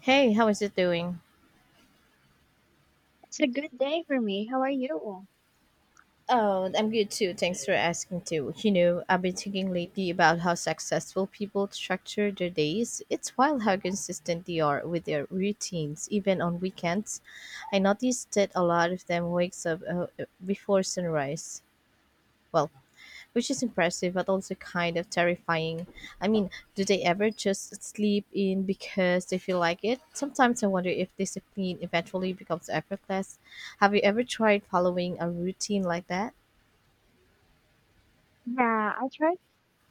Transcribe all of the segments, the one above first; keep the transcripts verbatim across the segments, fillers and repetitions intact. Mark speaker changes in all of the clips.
Speaker 1: Hey, how is it doing?
Speaker 2: It's a good day for me. How are you?
Speaker 1: Oh, I'm good too. Thanks for asking too. You know, I've been thinking lately about how successful people structure their days. It's wild how consistent they are with their routines, even on weekends. I noticed that a lot of them wakes up uh, uh, before sunrise. Well, which is impressive but also kind of terrifying. I mean, do they ever just sleep in because they feel like it? Sometimes I wonder if discipline eventually becomes effortless. Have you ever tried following a routine like that?
Speaker 2: Yeah, I tried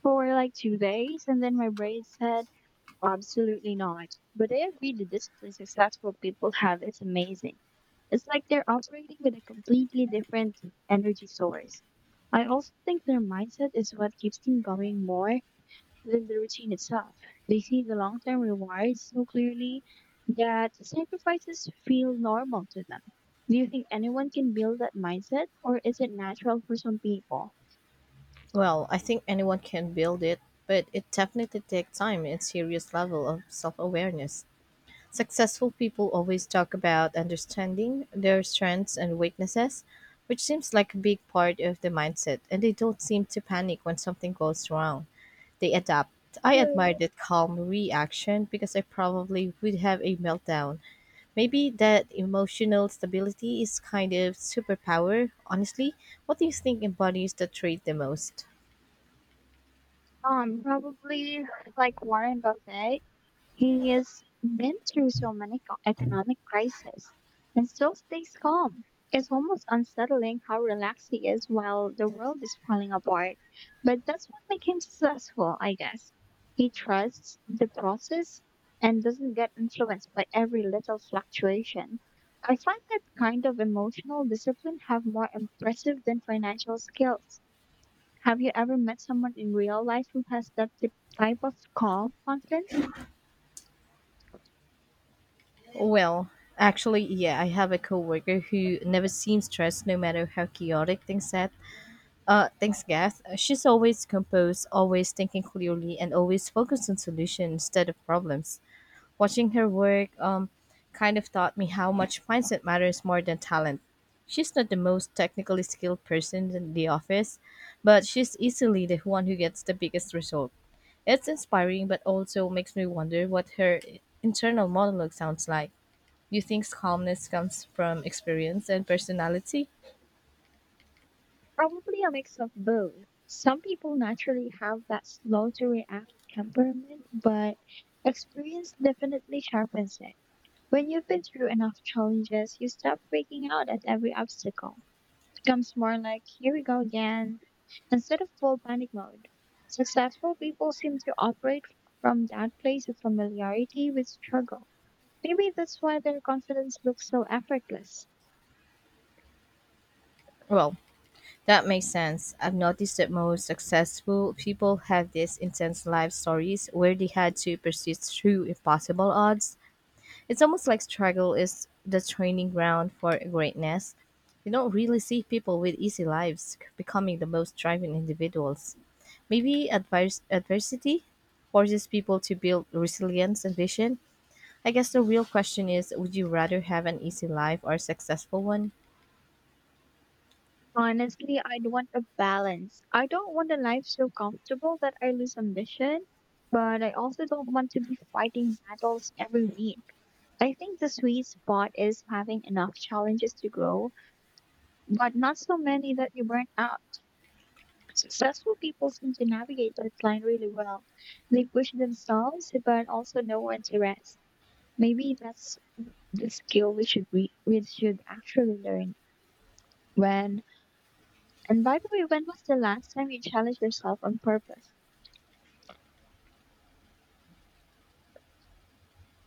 Speaker 2: for like two days and then my brain said, absolutely not. But I agree the discipline successful people have is amazing. It's like they're operating with a completely different energy source. I also think their mindset is what keeps them going more than the routine itself. They see the long term rewards so clearly that sacrifices feel normal to them. Do you think anyone can build that mindset, or is it natural for some people?
Speaker 1: Well, I think anyone can build it, but it definitely takes time and serious level of self-awareness. Successful people always talk about understanding their strengths and weaknesses, which seems like a big part of the mindset, and they don't seem to panic when something goes wrong. They adapt. I
Speaker 2: Hmm,
Speaker 1: admire that calm reaction because I probably would have a meltdown. Maybe that emotional stability is kind of superpower. Honestly, what do you think embodies the trait the most?
Speaker 2: Um, probably like Warren Buffett. He has been through so many co- economic crises and still stays calm. It's almost unsettling how relaxed he is while the world is falling apart. But that's what makes him successful, I guess. He trusts the process and doesn't get influenced by every little fluctuation. I find that kind of emotional discipline have more impressive than financial skills. Have you ever met someone in real life who has that t- type of calm confidence?
Speaker 1: Well, actually, yeah, I have a coworker who never seems stressed no matter how chaotic things get. Uh, thanks, Gath. Uh, She's always composed, always thinking clearly, and always focused on solutions instead of problems. Watching her work um, kind of taught me how much mindset matters more than talent. She's not the most technically skilled person in the office, but she's easily the one who gets the biggest result. It's inspiring, but also makes me wonder what her internal monologue sounds like. Do you think calmness comes from experience and personality?
Speaker 2: Probably a mix of both. Some people naturally have that slow to react temperament, but experience definitely sharpens it. When you've been through enough challenges, you stop freaking out at every obstacle. It becomes more like, here we go again, instead of full panic mode. Successful people seem to operate from that place of familiarity with struggle. Maybe that's why their confidence looks so effortless.
Speaker 1: Well, that makes sense. I've noticed that most successful people have these intense life stories where they had to persist through impossible odds. It's almost like struggle is the training ground for greatness. You don't really see people with easy lives becoming the most driven individuals. Maybe advers- adversity forces people to build resilience and vision. I guess the real question is would you rather have an easy life or a successful one?
Speaker 2: Honestly, I'd want a balance. I don't want a life so comfortable that I lose ambition, but I also don't want to be fighting battles every week. I think the sweet spot is having enough challenges to grow, but not so many that you burn out. Successful people seem to navigate that line really well. They push themselves, but also know when to rest. Maybe that's the skill we should re- we should actually learn. When And by the way, when was the last time you challenged yourself on purpose?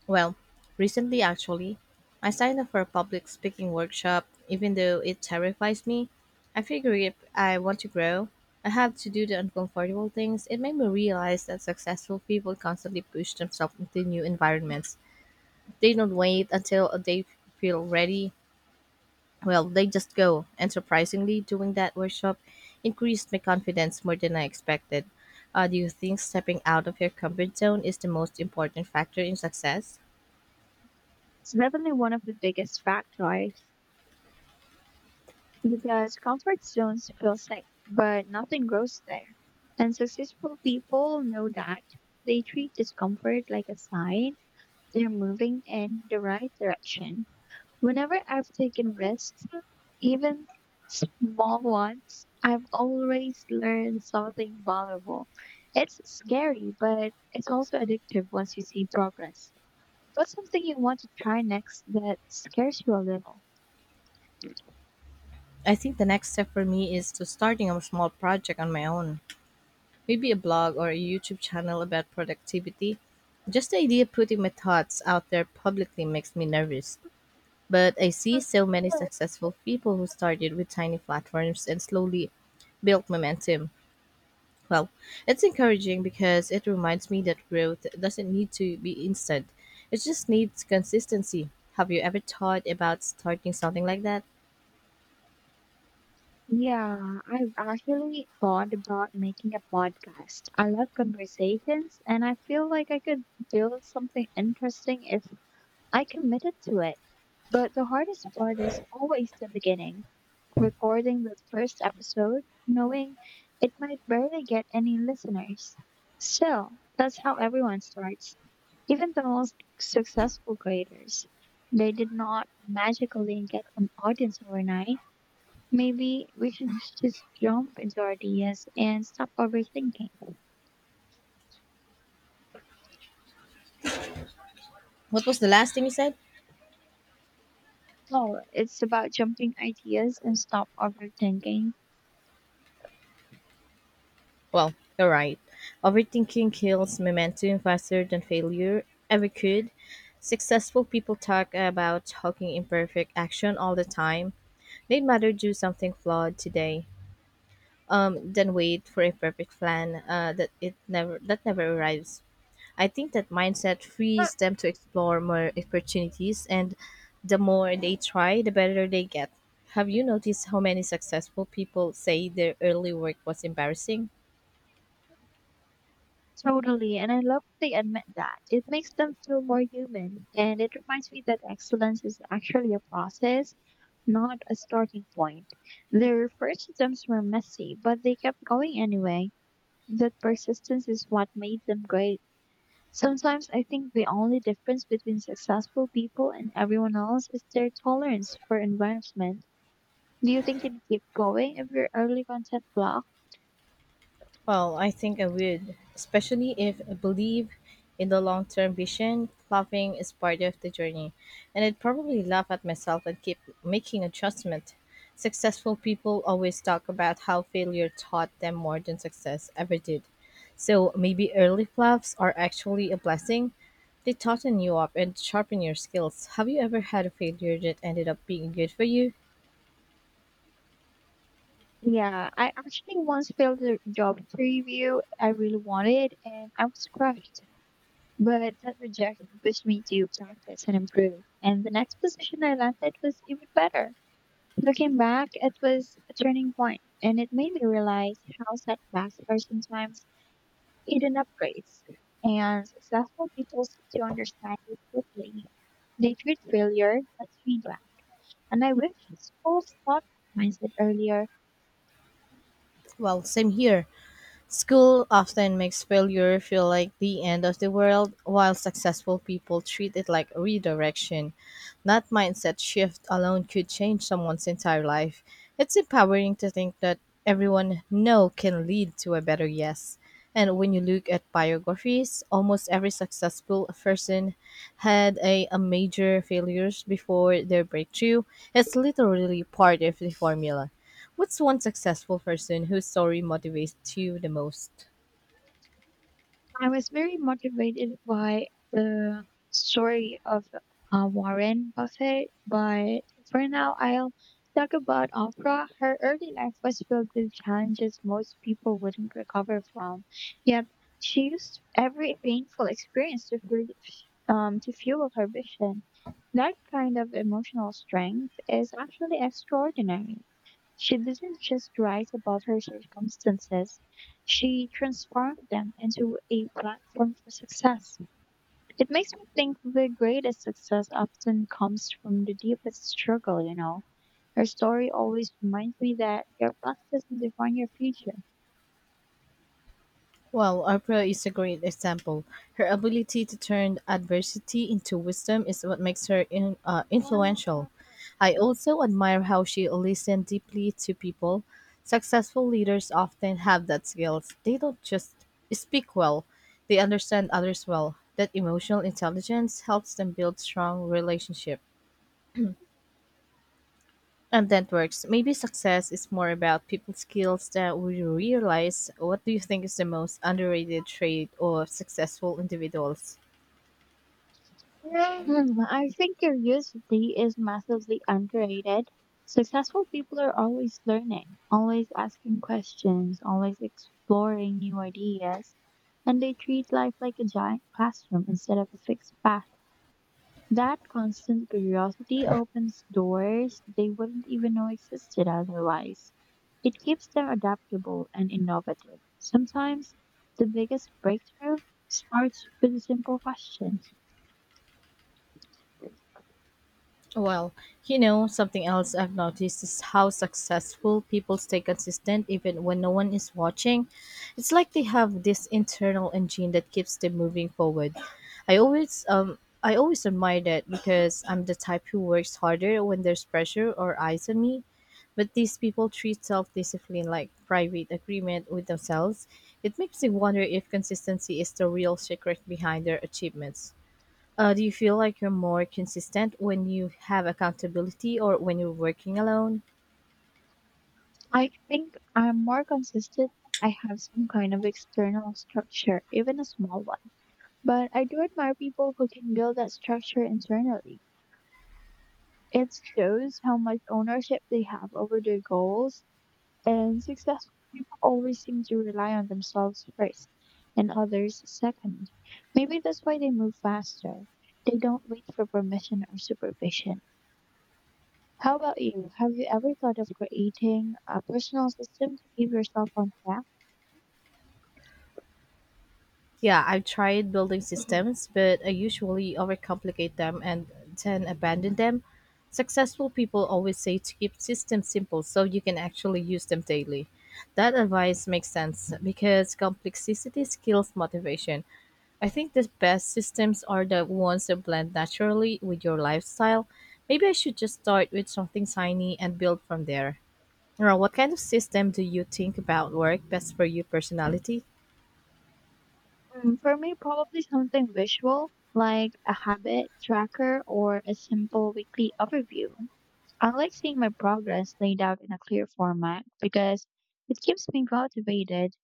Speaker 1: Well, recently actually, I signed up for a public speaking workshop. Even though it terrifies me, I figure if I want to grow, I have to do the uncomfortable things. It made me realize that successful people constantly push themselves into new environments. They don't wait until they feel ready. Well, they just go. And surprisingly, doing that workshop increased my confidence more than I expected. Uh, do you think stepping out of your comfort zone is the most important factor in success?
Speaker 2: It's definitely one of the biggest factors because comfort zones feel safe, but nothing grows there. And successful people know that they treat discomfort like a sign they're moving in the right direction. Whenever I've taken risks, even small ones, I've always learned something valuable. It's scary, but it's also addictive once you see progress. What's something you want to try next that scares you a little?
Speaker 1: I think the next step for me is to starting a small project on my own, maybe a blog or a YouTube channel about productivity. Just the idea of putting my thoughts out there publicly makes me nervous. But I see so many successful people who started with tiny platforms and slowly built momentum. Well, it's encouraging because it reminds me that growth doesn't need to be instant. It just needs consistency. Have you ever thought about starting something like that?
Speaker 2: Yeah, I've actually thought about making a podcast. I love conversations and I feel like I could build something interesting if I committed to it, but the hardest part is always the beginning. Recording the first episode, knowing it might barely get any listeners. Still, that's how everyone starts. Even the most successful creators, they did not magically get an audience overnight. Maybe we should just jump into ideas and stop overthinking.
Speaker 1: What was the last thing you said?
Speaker 2: Oh, it's about jumping ideas and stop overthinking.
Speaker 1: Well, you're right. Overthinking kills momentum faster than failure ever could. Successful people talk about talking imperfect action all the time. They'd rather do something flawed today, um, than wait for a perfect plan uh, that it never that never arrives. I think that mindset
Speaker 2: Huh.
Speaker 1: frees them to explore more opportunities, and the more they try, the better they get. Have you noticed how many successful people say their early work was embarrassing?
Speaker 2: Totally, and I love that they admit that. It makes them feel more human, and it reminds me that excellence is actually a process, not a starting point. Their first attempts were messy, but they kept going anyway. That persistence is what made them great. Sometimes I think the only difference between successful people and everyone else is their tolerance for advancement. Do you think you'd keep going if your early content flopped?
Speaker 1: Well, I think I would, especially if I believe in the long term vision. Laughing is part of the journey, and I'd probably laugh at myself and keep making adjustment. Successful people always talk about how failure taught them more than success ever did. So maybe early fluffs are actually a blessing. They toughen you up and sharpen your skills. Have you ever had a failure that ended up being good for you?
Speaker 2: Yeah, I actually once failed a job interview I really wanted and I was crushed. But that rejection pushed me to practice and improve. And the next position I landed was even better. Looking back, it was a turning point and it made me realize how setbacks are sometimes hidden upgrades. And successful people seem to understand this deeply. They treat failure as feedback. And I wish schools taught that mindset earlier.
Speaker 1: Well, same here. School often makes failure feel like the end of the world, while successful people treat it like redirection. That mindset shift alone could change someone's entire life. It's empowering to think that everyone no can lead to a better yes. And when you look at biographies, almost every successful person had a, a major failures before their breakthrough. It's literally part of the formula. What's one successful person whose story motivates you the most?
Speaker 2: I was very motivated by the story of uh, Warren Buffett, but for now, I'll talk about Oprah. Her early life was filled with challenges most people wouldn't recover from, yet she used every painful experience to fuel, um, to fuel her vision. That kind of emotional strength is actually extraordinary. She didn't just write about her circumstances, she transformed them into a platform for success. It makes me think the greatest success often comes from the deepest struggle, you know. Her story always reminds me that your past doesn't define your future.
Speaker 1: Well, Oprah is a great example. Her ability to turn adversity into wisdom is what makes her in, uh, influential. I also admire how she listened deeply to people. Successful leaders often have that skill. They don't just speak well, they understand others well. That emotional intelligence helps them build strong relationships. And that works. Maybe success is more about people skills that we realize. What do you think is the most underrated trait of successful individuals?
Speaker 2: Hmm, I think curiosity is massively underrated. Successful people are always learning, always asking questions, always exploring new ideas, and they treat life like a giant classroom instead of a fixed path. That constant curiosity opens doors they wouldn't even know existed otherwise. It keeps them adaptable and innovative. Sometimes the biggest breakthrough starts with a simple question.
Speaker 1: Well, you know, something else I've noticed is how successful people stay consistent even when no one is watching. It's like they have this internal engine that keeps them moving forward. I always um I always admire that because I'm the type who works harder when there's pressure or eyes on me. But these people treat self-discipline like private agreement with themselves. It makes me wonder if consistency is the real secret behind their achievements. Uh, do you feel like you're more consistent when you have accountability or when you're working alone?
Speaker 2: I think I'm more consistent. I have some kind of external structure, even a small one. But I do admire people who can build that structure internally. It shows how much ownership they have over their goals, and successful people always seem to rely on themselves first and others second. Maybe that's why they move faster. They don't wait for permission or supervision. How about you? Have you ever thought of creating a personal system to keep yourself on track?
Speaker 1: Yeah, I've tried building systems, but I usually overcomplicate them and then abandon them. Successful people always say to keep systems simple so you can actually use them daily. That advice makes sense because complexity skills motivation. I think the best systems are the ones that blend naturally with your lifestyle. Maybe I should just start with something tiny and build from there. Well, what kind of system do you think about work best for your personality?
Speaker 2: Mm, For me, probably something visual, like a habit tracker or a simple weekly overview. I like seeing my progress laid out in a clear format because it keeps me motivated.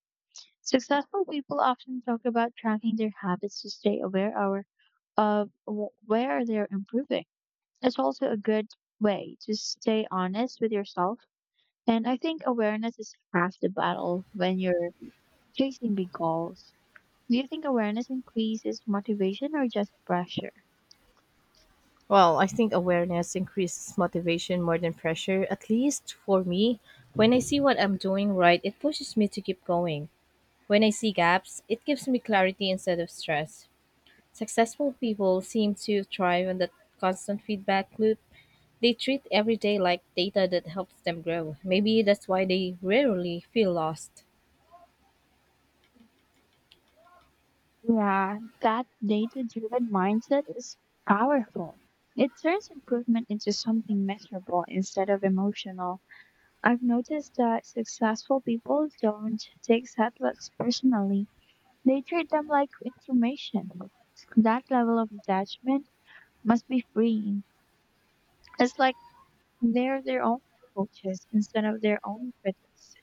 Speaker 2: Successful people often talk about tracking their habits to stay aware or of wh- where they're improving. It's also a good way to stay honest with yourself. And I think awareness is half the battle when you're chasing big goals. Do you think awareness increases motivation or just pressure?
Speaker 1: Well, I think awareness increases motivation more than pressure, at least for me. When I see what I'm doing right, it pushes me to keep going. When I see gaps, it gives me clarity instead of stress. Successful people seem to thrive on that constant feedback loop. They treat every day like data that helps them grow. Maybe that's why they rarely feel lost.
Speaker 2: Yeah, that data driven mindset is powerful. It turns improvement into something measurable instead of emotional. I've noticed that successful people don't take setbacks personally, they treat them like information. That level of detachment must be freeing. It's like they're their own coaches instead of their own critics.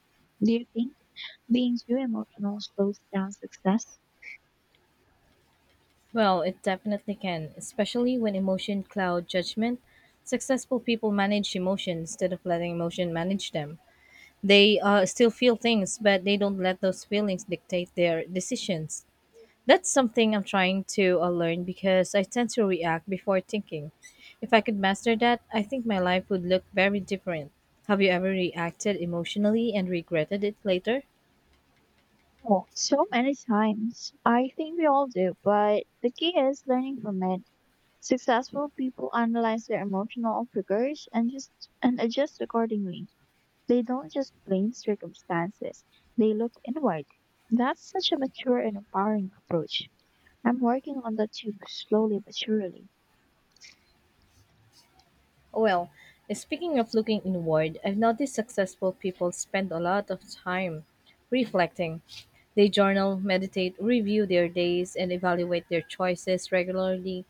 Speaker 2: Do you think being too emotional slows down success?
Speaker 1: Well, it definitely can, especially when emotion cloud judgment. Successful people manage emotion instead of letting emotion manage them. They uh, still feel things, but they don't let those feelings dictate their decisions. That's something I'm trying to uh, learn because I tend to react before thinking. If I could master that, I think my life would look very different. Have you ever reacted emotionally and regretted it later?
Speaker 2: Oh, so many times. I think we all do, but the key is learning from it. Successful people analyze their emotional triggers and just and adjust accordingly. They don't just blame circumstances. They look inward. That's such a mature and empowering approach. I'm working on that too, slowly but surely.
Speaker 1: Well, speaking of looking inward, I've noticed successful people spend a lot of time reflecting. They journal, meditate, review their days, and evaluate their choices regularly.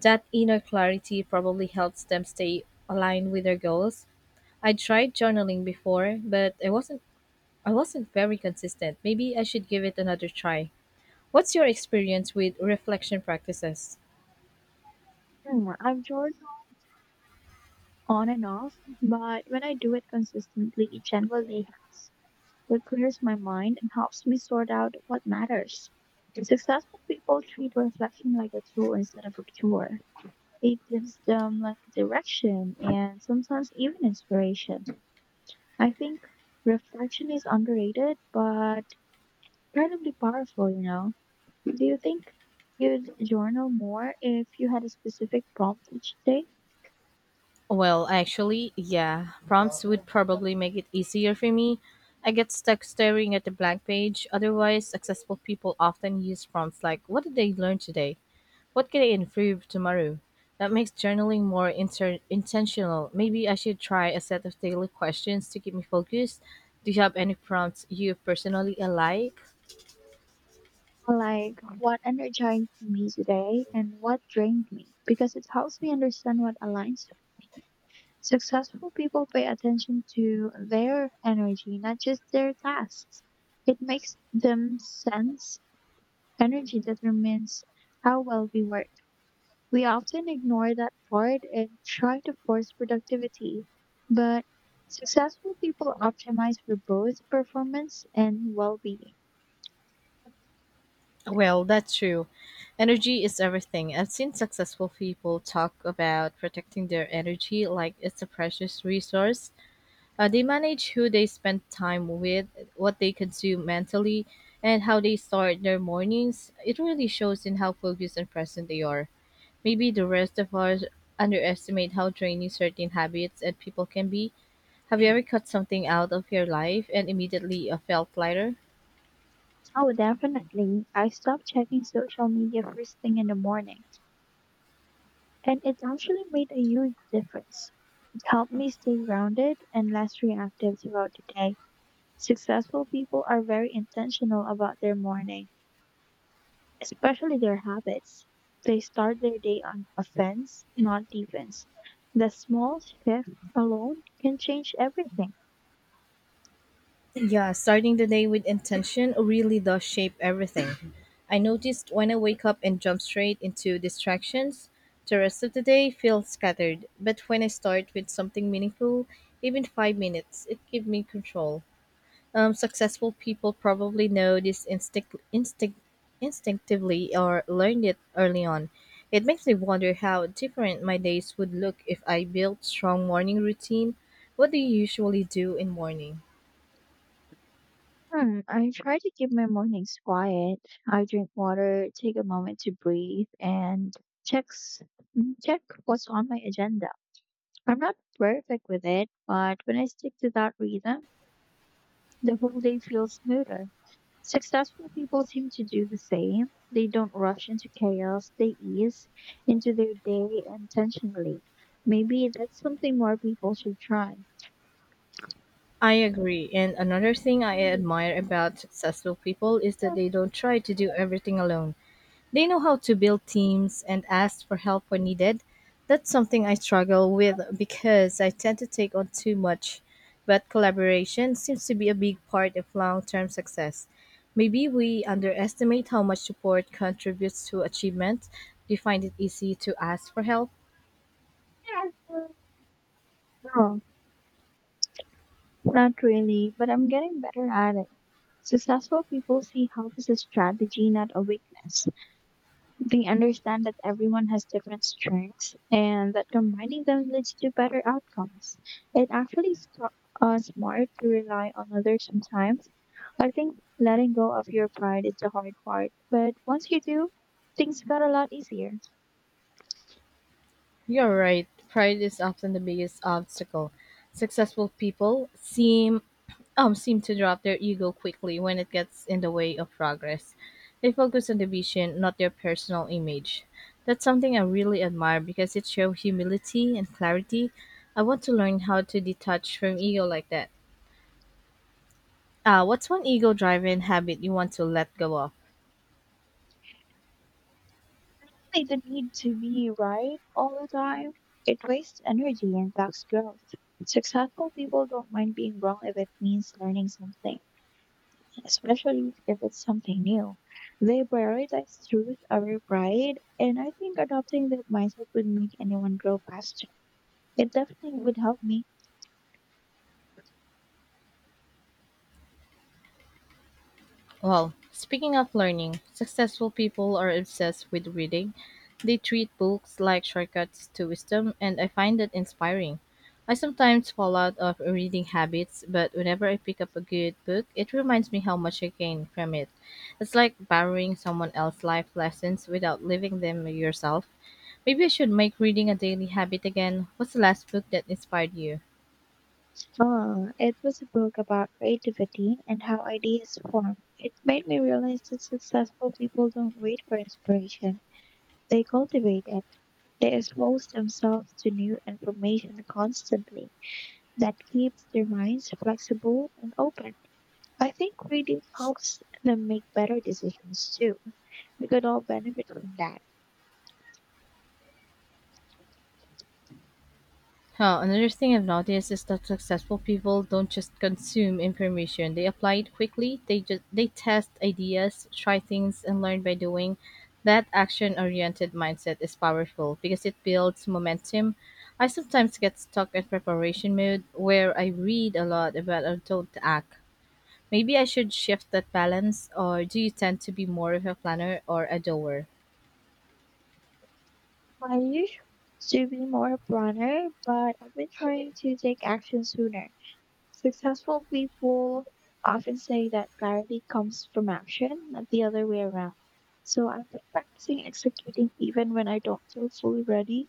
Speaker 1: That inner clarity probably helps them stay aligned with their goals. I tried journaling before, but I wasn't I wasn't very consistent. Maybe I should give it another try. What's your experience with reflection practices?
Speaker 2: Hmm, I've journaled on and off, but when I do it consistently, it generally helps. It clears my mind and helps me sort out what matters. Successful people treat reflection like a tool instead of a cure. It gives them like direction and sometimes even inspiration. I think reflection is underrated but incredibly powerful, you know. Do you think you'd journal more if you had a specific prompt each day?
Speaker 1: Well, actually, yeah. Prompts would probably make it easier for me. I get stuck staring at the blank page. Otherwise, successful people often use prompts like, what did they learn today? What can I improve tomorrow? That makes journaling more inter- intentional. Maybe I should try a set of daily questions to keep me focused. Do you have any prompts you personally like?
Speaker 2: Like what energized me today and what drained me, because it helps me understand what aligns with me. Successful people pay attention to their energy, not just their tasks. It makes them sense. Energy determines how well we work. We often ignore that part and try to force productivity, but successful people optimize for both performance and well being.
Speaker 1: Well, that's true. Energy is everything. I've seen successful people talk about protecting their energy like it's a precious resource. Uh, they manage who they spend time with, what they consume mentally, and how they start their mornings. It really shows in how focused and present they are. Maybe the rest of us underestimate how draining certain habits and people can be. Have you ever cut something out of your life and immediately uh, felt lighter?
Speaker 2: Oh, definitely. I stopped checking social media first thing in the morning, and it actually made a huge difference. It helped me stay grounded and less reactive throughout the day. Successful people are very intentional about their morning, especially their habits. They start their day on offense, not defense. The small shift alone can change everything.
Speaker 1: Yeah, starting the day with intention really does shape everything. I noticed when I wake up and jump straight into distractions, the rest of the day feels scattered. But when I start with something meaningful, even five minutes, it gives me control. Um, successful people probably know this instinct, instinct, instinctively or learned it early on. It makes me wonder how different my days would look if I built strong morning routine. What do you usually do in morning?
Speaker 2: Hmm, I try to keep my mornings quiet. I drink water, take a moment to breathe, and checks mm, check what's on my agenda. I'm not perfect with it, but when I stick to that rhythm, the whole day feels smoother. Successful people seem to do the same. They don't rush into chaos, they ease into their day intentionally. Maybe that's something more people should try.
Speaker 1: I agree. And another thing I admire about successful people is that they don't try to do everything alone. They know how to build teams and ask for help when needed. That's something I struggle with because I tend to take on too much. But collaboration seems to be a big part of long term success. Maybe we underestimate how much support contributes to achievement. Do you find it easy to ask for help?
Speaker 2: No, not really, but I'm getting better at it. Successful people see help as a strategy, not a weakness. They understand that everyone has different strengths and that combining them leads to better outcomes. It actually is sm- uh, smart to rely on others sometimes. I think letting go of your pride is the hard part, but once you do, things got a lot easier.
Speaker 1: You are right. Pride is often the biggest obstacle. Successful people seem um seem to drop their ego quickly when it gets in the way of progress. They focus on the vision, not their personal image. That's something I really admire because it shows humility and clarity. I want to learn how to detach from ego like that. Uh, what's one ego-driven habit you want to let go of?
Speaker 2: Like the need to be right all the time, it wastes energy and blocks growth. Successful people don't mind being wrong if it means learning something, especially if it's something new. They prioritize truth over pride, and I think adopting that mindset would make anyone grow faster. It definitely would help me.
Speaker 1: Well, speaking of learning, successful people are obsessed with reading. They treat books like shortcuts to wisdom, and I find that inspiring. I sometimes fall out of reading habits, but whenever I pick up a good book, it reminds me how much I gain from it. It's like borrowing someone else's life lessons without living them yourself. Maybe I should make reading a daily habit again. What's the last book that inspired you?
Speaker 2: Uh, it was a book about creativity and how ideas form. It made me realize that successful people don't wait for inspiration. They cultivate it. They expose themselves to new information constantly. That keeps their minds flexible and open. I think reading helps them make better decisions too. We could all benefit from that.
Speaker 1: Huh, another thing I've noticed is that successful people don't just consume information. They apply it quickly. They just they test ideas, try things and learn by doing. That action-oriented mindset is powerful because it builds momentum. I sometimes get stuck in preparation mode where I read a lot about I don't act. Maybe I should shift that balance, or do you tend to be more of a planner or a doer?
Speaker 2: I used to be more a planner, but I've been trying to take action sooner. Successful people often say that clarity comes from action, not the other way around. So I've been practicing executing even when I don't feel fully ready.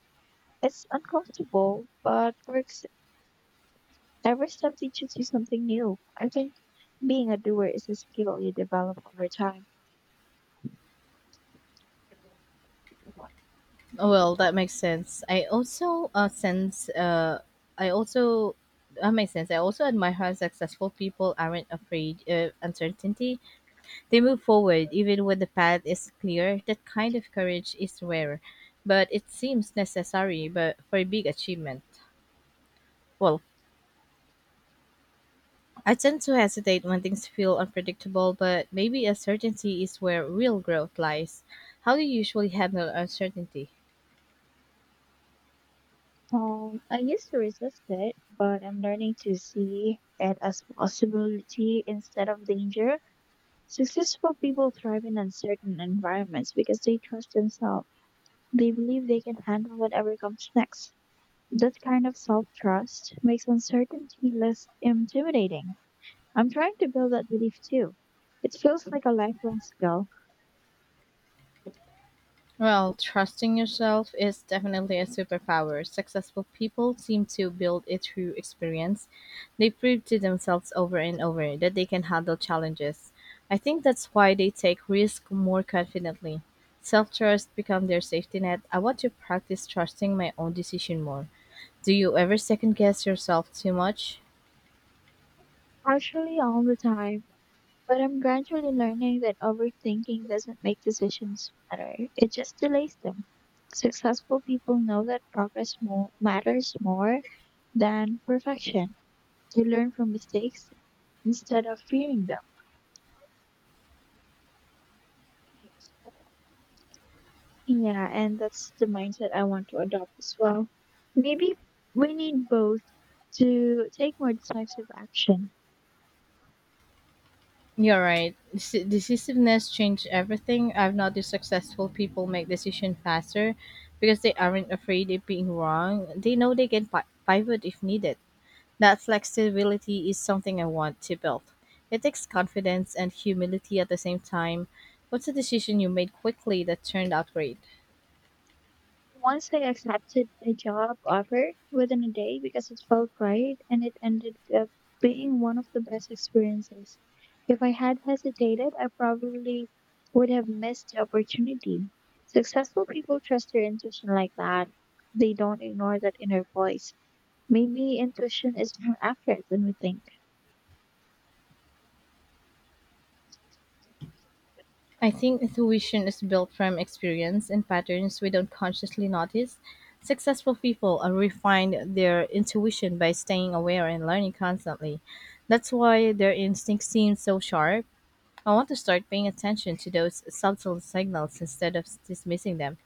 Speaker 2: It's uncomfortable, but works. Every step teaches you something new. I think being a doer is a skill you develop over time.
Speaker 1: Well, that makes sense. I also uh, sense. Uh, I also That makes sense. I also admire how successful people aren't afraid of uncertainty. They move forward even when the path is clear. That kind of courage is rare, but it seems necessary. But for a big achievement, well, I tend to hesitate when things feel unpredictable. But maybe uncertainty is where real growth lies. How do you usually handle uncertainty?
Speaker 2: Um, I used to resist it, but I'm learning to see it as possibility instead of danger. Successful people thrive in uncertain environments because they trust themselves. They believe they can handle whatever comes next. That kind of self trust makes uncertainty less intimidating. I'm trying to build that belief too. It feels like a lifelong skill,
Speaker 1: Well, trusting yourself is definitely a superpower. Successful people seem to build it through experience. They prove to themselves over and over that they can handle challenges. I think that's why they take risk more confidently. Self-trust becomes their safety net. I want to practice trusting my own decision more. Do you ever second guess yourself too much?
Speaker 2: partially all the time. But I'm gradually learning that overthinking doesn't make decisions better, it just delays them. Successful people know that progress mo- matters more than perfection. They learn from mistakes instead of fearing them. Yeah, and that's the mindset I want to adopt as well. Maybe we need both to take more decisive action.
Speaker 1: You're right. Deci- Decisiveness changed everything. I've noticed successful people make decisions faster because they aren't afraid of being wrong. They know they can pi- pivot if needed. That flexibility is something I want to build. It takes confidence and humility at the same time. What's a decision you made quickly that turned out great?
Speaker 2: Once I accepted a job offer within a day because it felt right and it ended up being one of the best experiences. If I had hesitated, I probably would have missed the opportunity. Successful people trust their intuition like that. They don't ignore that inner voice. Maybe intuition is more accurate than we think.
Speaker 1: I think intuition is built from experience and patterns we don't consciously notice. Successful people uh, refine their intuition by staying aware and learning constantly. That's why their instincts seem so sharp. I want to start paying attention to those subtle signals instead of dismissing them.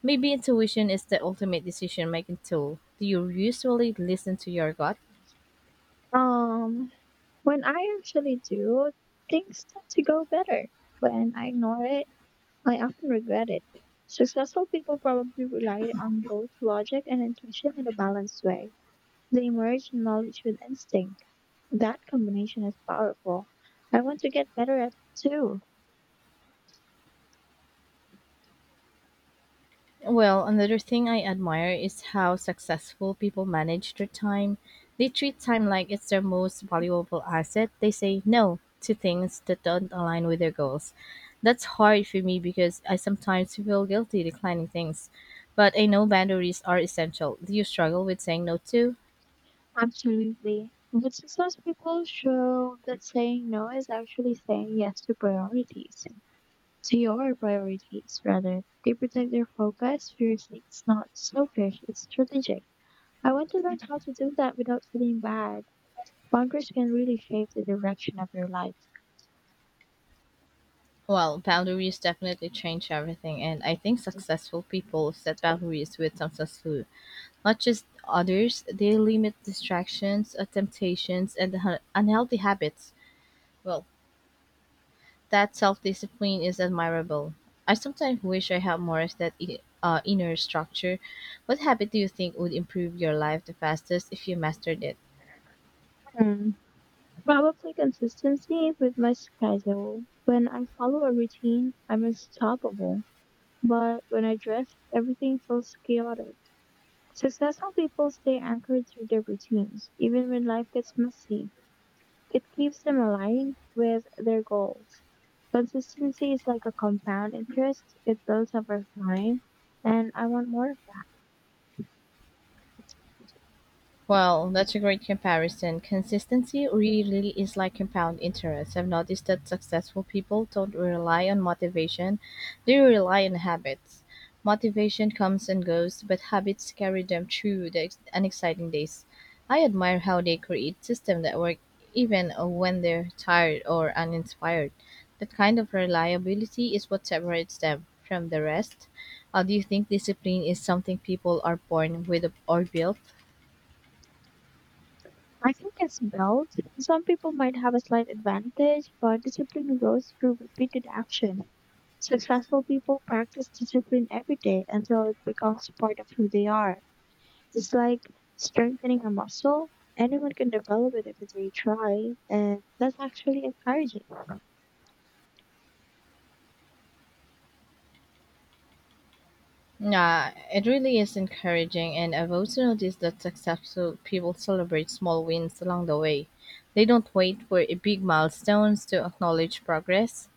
Speaker 1: Maybe intuition is the ultimate decision making tool. Do you usually listen to your gut?
Speaker 2: Um, when I actually do, things tend to go better. When I ignore it, I often regret it. Successful people probably relied on both logic and intuition in a balanced way. They merged knowledge with instinct. That combination is powerful. I want to get better at it too.
Speaker 1: Well, another thing I admire is how successful people manage their time. They treat time like it's their most valuable asset. They say no to things that don't align with their goals. That's hard for me because I sometimes feel guilty declining things. But I know boundaries are essential. Do you struggle with saying no too?
Speaker 2: Absolutely. But successful people show that saying no is actually saying yes to priorities. To your priorities, rather. They protect their focus fiercely. It's not selfish, it's strategic. I want to learn how to do that without feeling bad. Boundaries can really shape the direction of your life.
Speaker 1: Well, boundaries definitely change everything, and I think successful people set boundaries with some success. Not just others, they limit distractions, uh, temptations, and unha- unhealthy habits. Well, that self-discipline is admirable. I sometimes wish I had more of that i- uh, inner structure. What habit do you think would improve your life the fastest if you mastered it?
Speaker 2: Hmm. Probably consistency with my schedule. When I follow a routine, I'm unstoppable. But when I drift, everything feels chaotic. Successful people stay anchored through their routines, even when life gets messy. It keeps them aligned with their goals. Consistency is like a compound interest, it builds over time, and I want more of that.
Speaker 1: Well, that's a great comparison. Consistency really is like compound interest. I've noticed that successful people don't rely on motivation, they rely on habits. Motivation comes and goes, but habits carry them through the ex- unexciting days. I admire how they create systems that work even uh, when they're tired or uninspired. That kind of reliability is what separates them from the rest. Uh, do you think discipline is something people are born with or built?
Speaker 2: I think it's built. Some people might have a slight advantage, but discipline grows through repeated action. Successful people practice discipline every day until it becomes part of who they are. It's like strengthening a muscle. Anyone can develop it if they try, and that's actually encouraging.
Speaker 1: Yeah, it really is encouraging, and I've also noticed that successful people celebrate small wins along the way. They don't wait for a big milestones to acknowledge progress.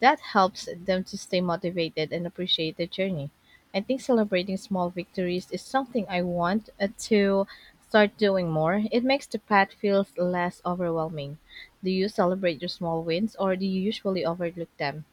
Speaker 1: That helps them to stay motivated and appreciate the journey. I think celebrating small victories is something I want uh, to start doing more. It makes the path feels less overwhelming. Do you celebrate your small wins, or do you usually overlook them?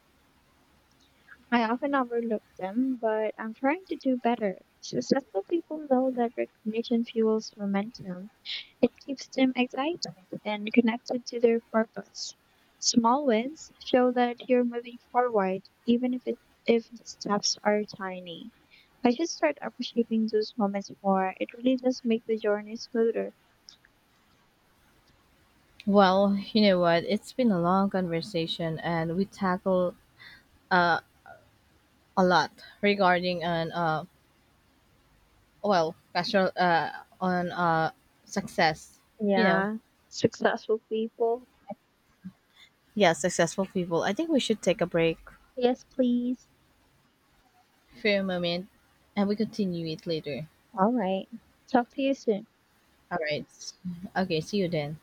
Speaker 2: I often overlook them, but I'm trying to do better. Successful people know that recognition fuels momentum. It keeps them excited and connected to their purpose. Small wins show that you're moving forward, even if it, if the steps are tiny. I should start appreciating those moments more. It really does make the journey smoother.
Speaker 1: Well, you know what? It's been a long conversation, and we tackle uh, a lot regarding an uh, well, casual uh, on uh, success. You know,
Speaker 2: Yeah. Successful people.
Speaker 1: yeah, successful people. I think we should take a break
Speaker 2: Yes, please.
Speaker 1: for a moment, and we continue it later.
Speaker 2: All right. Talk to you soon.
Speaker 1: All right. Okay. See you then.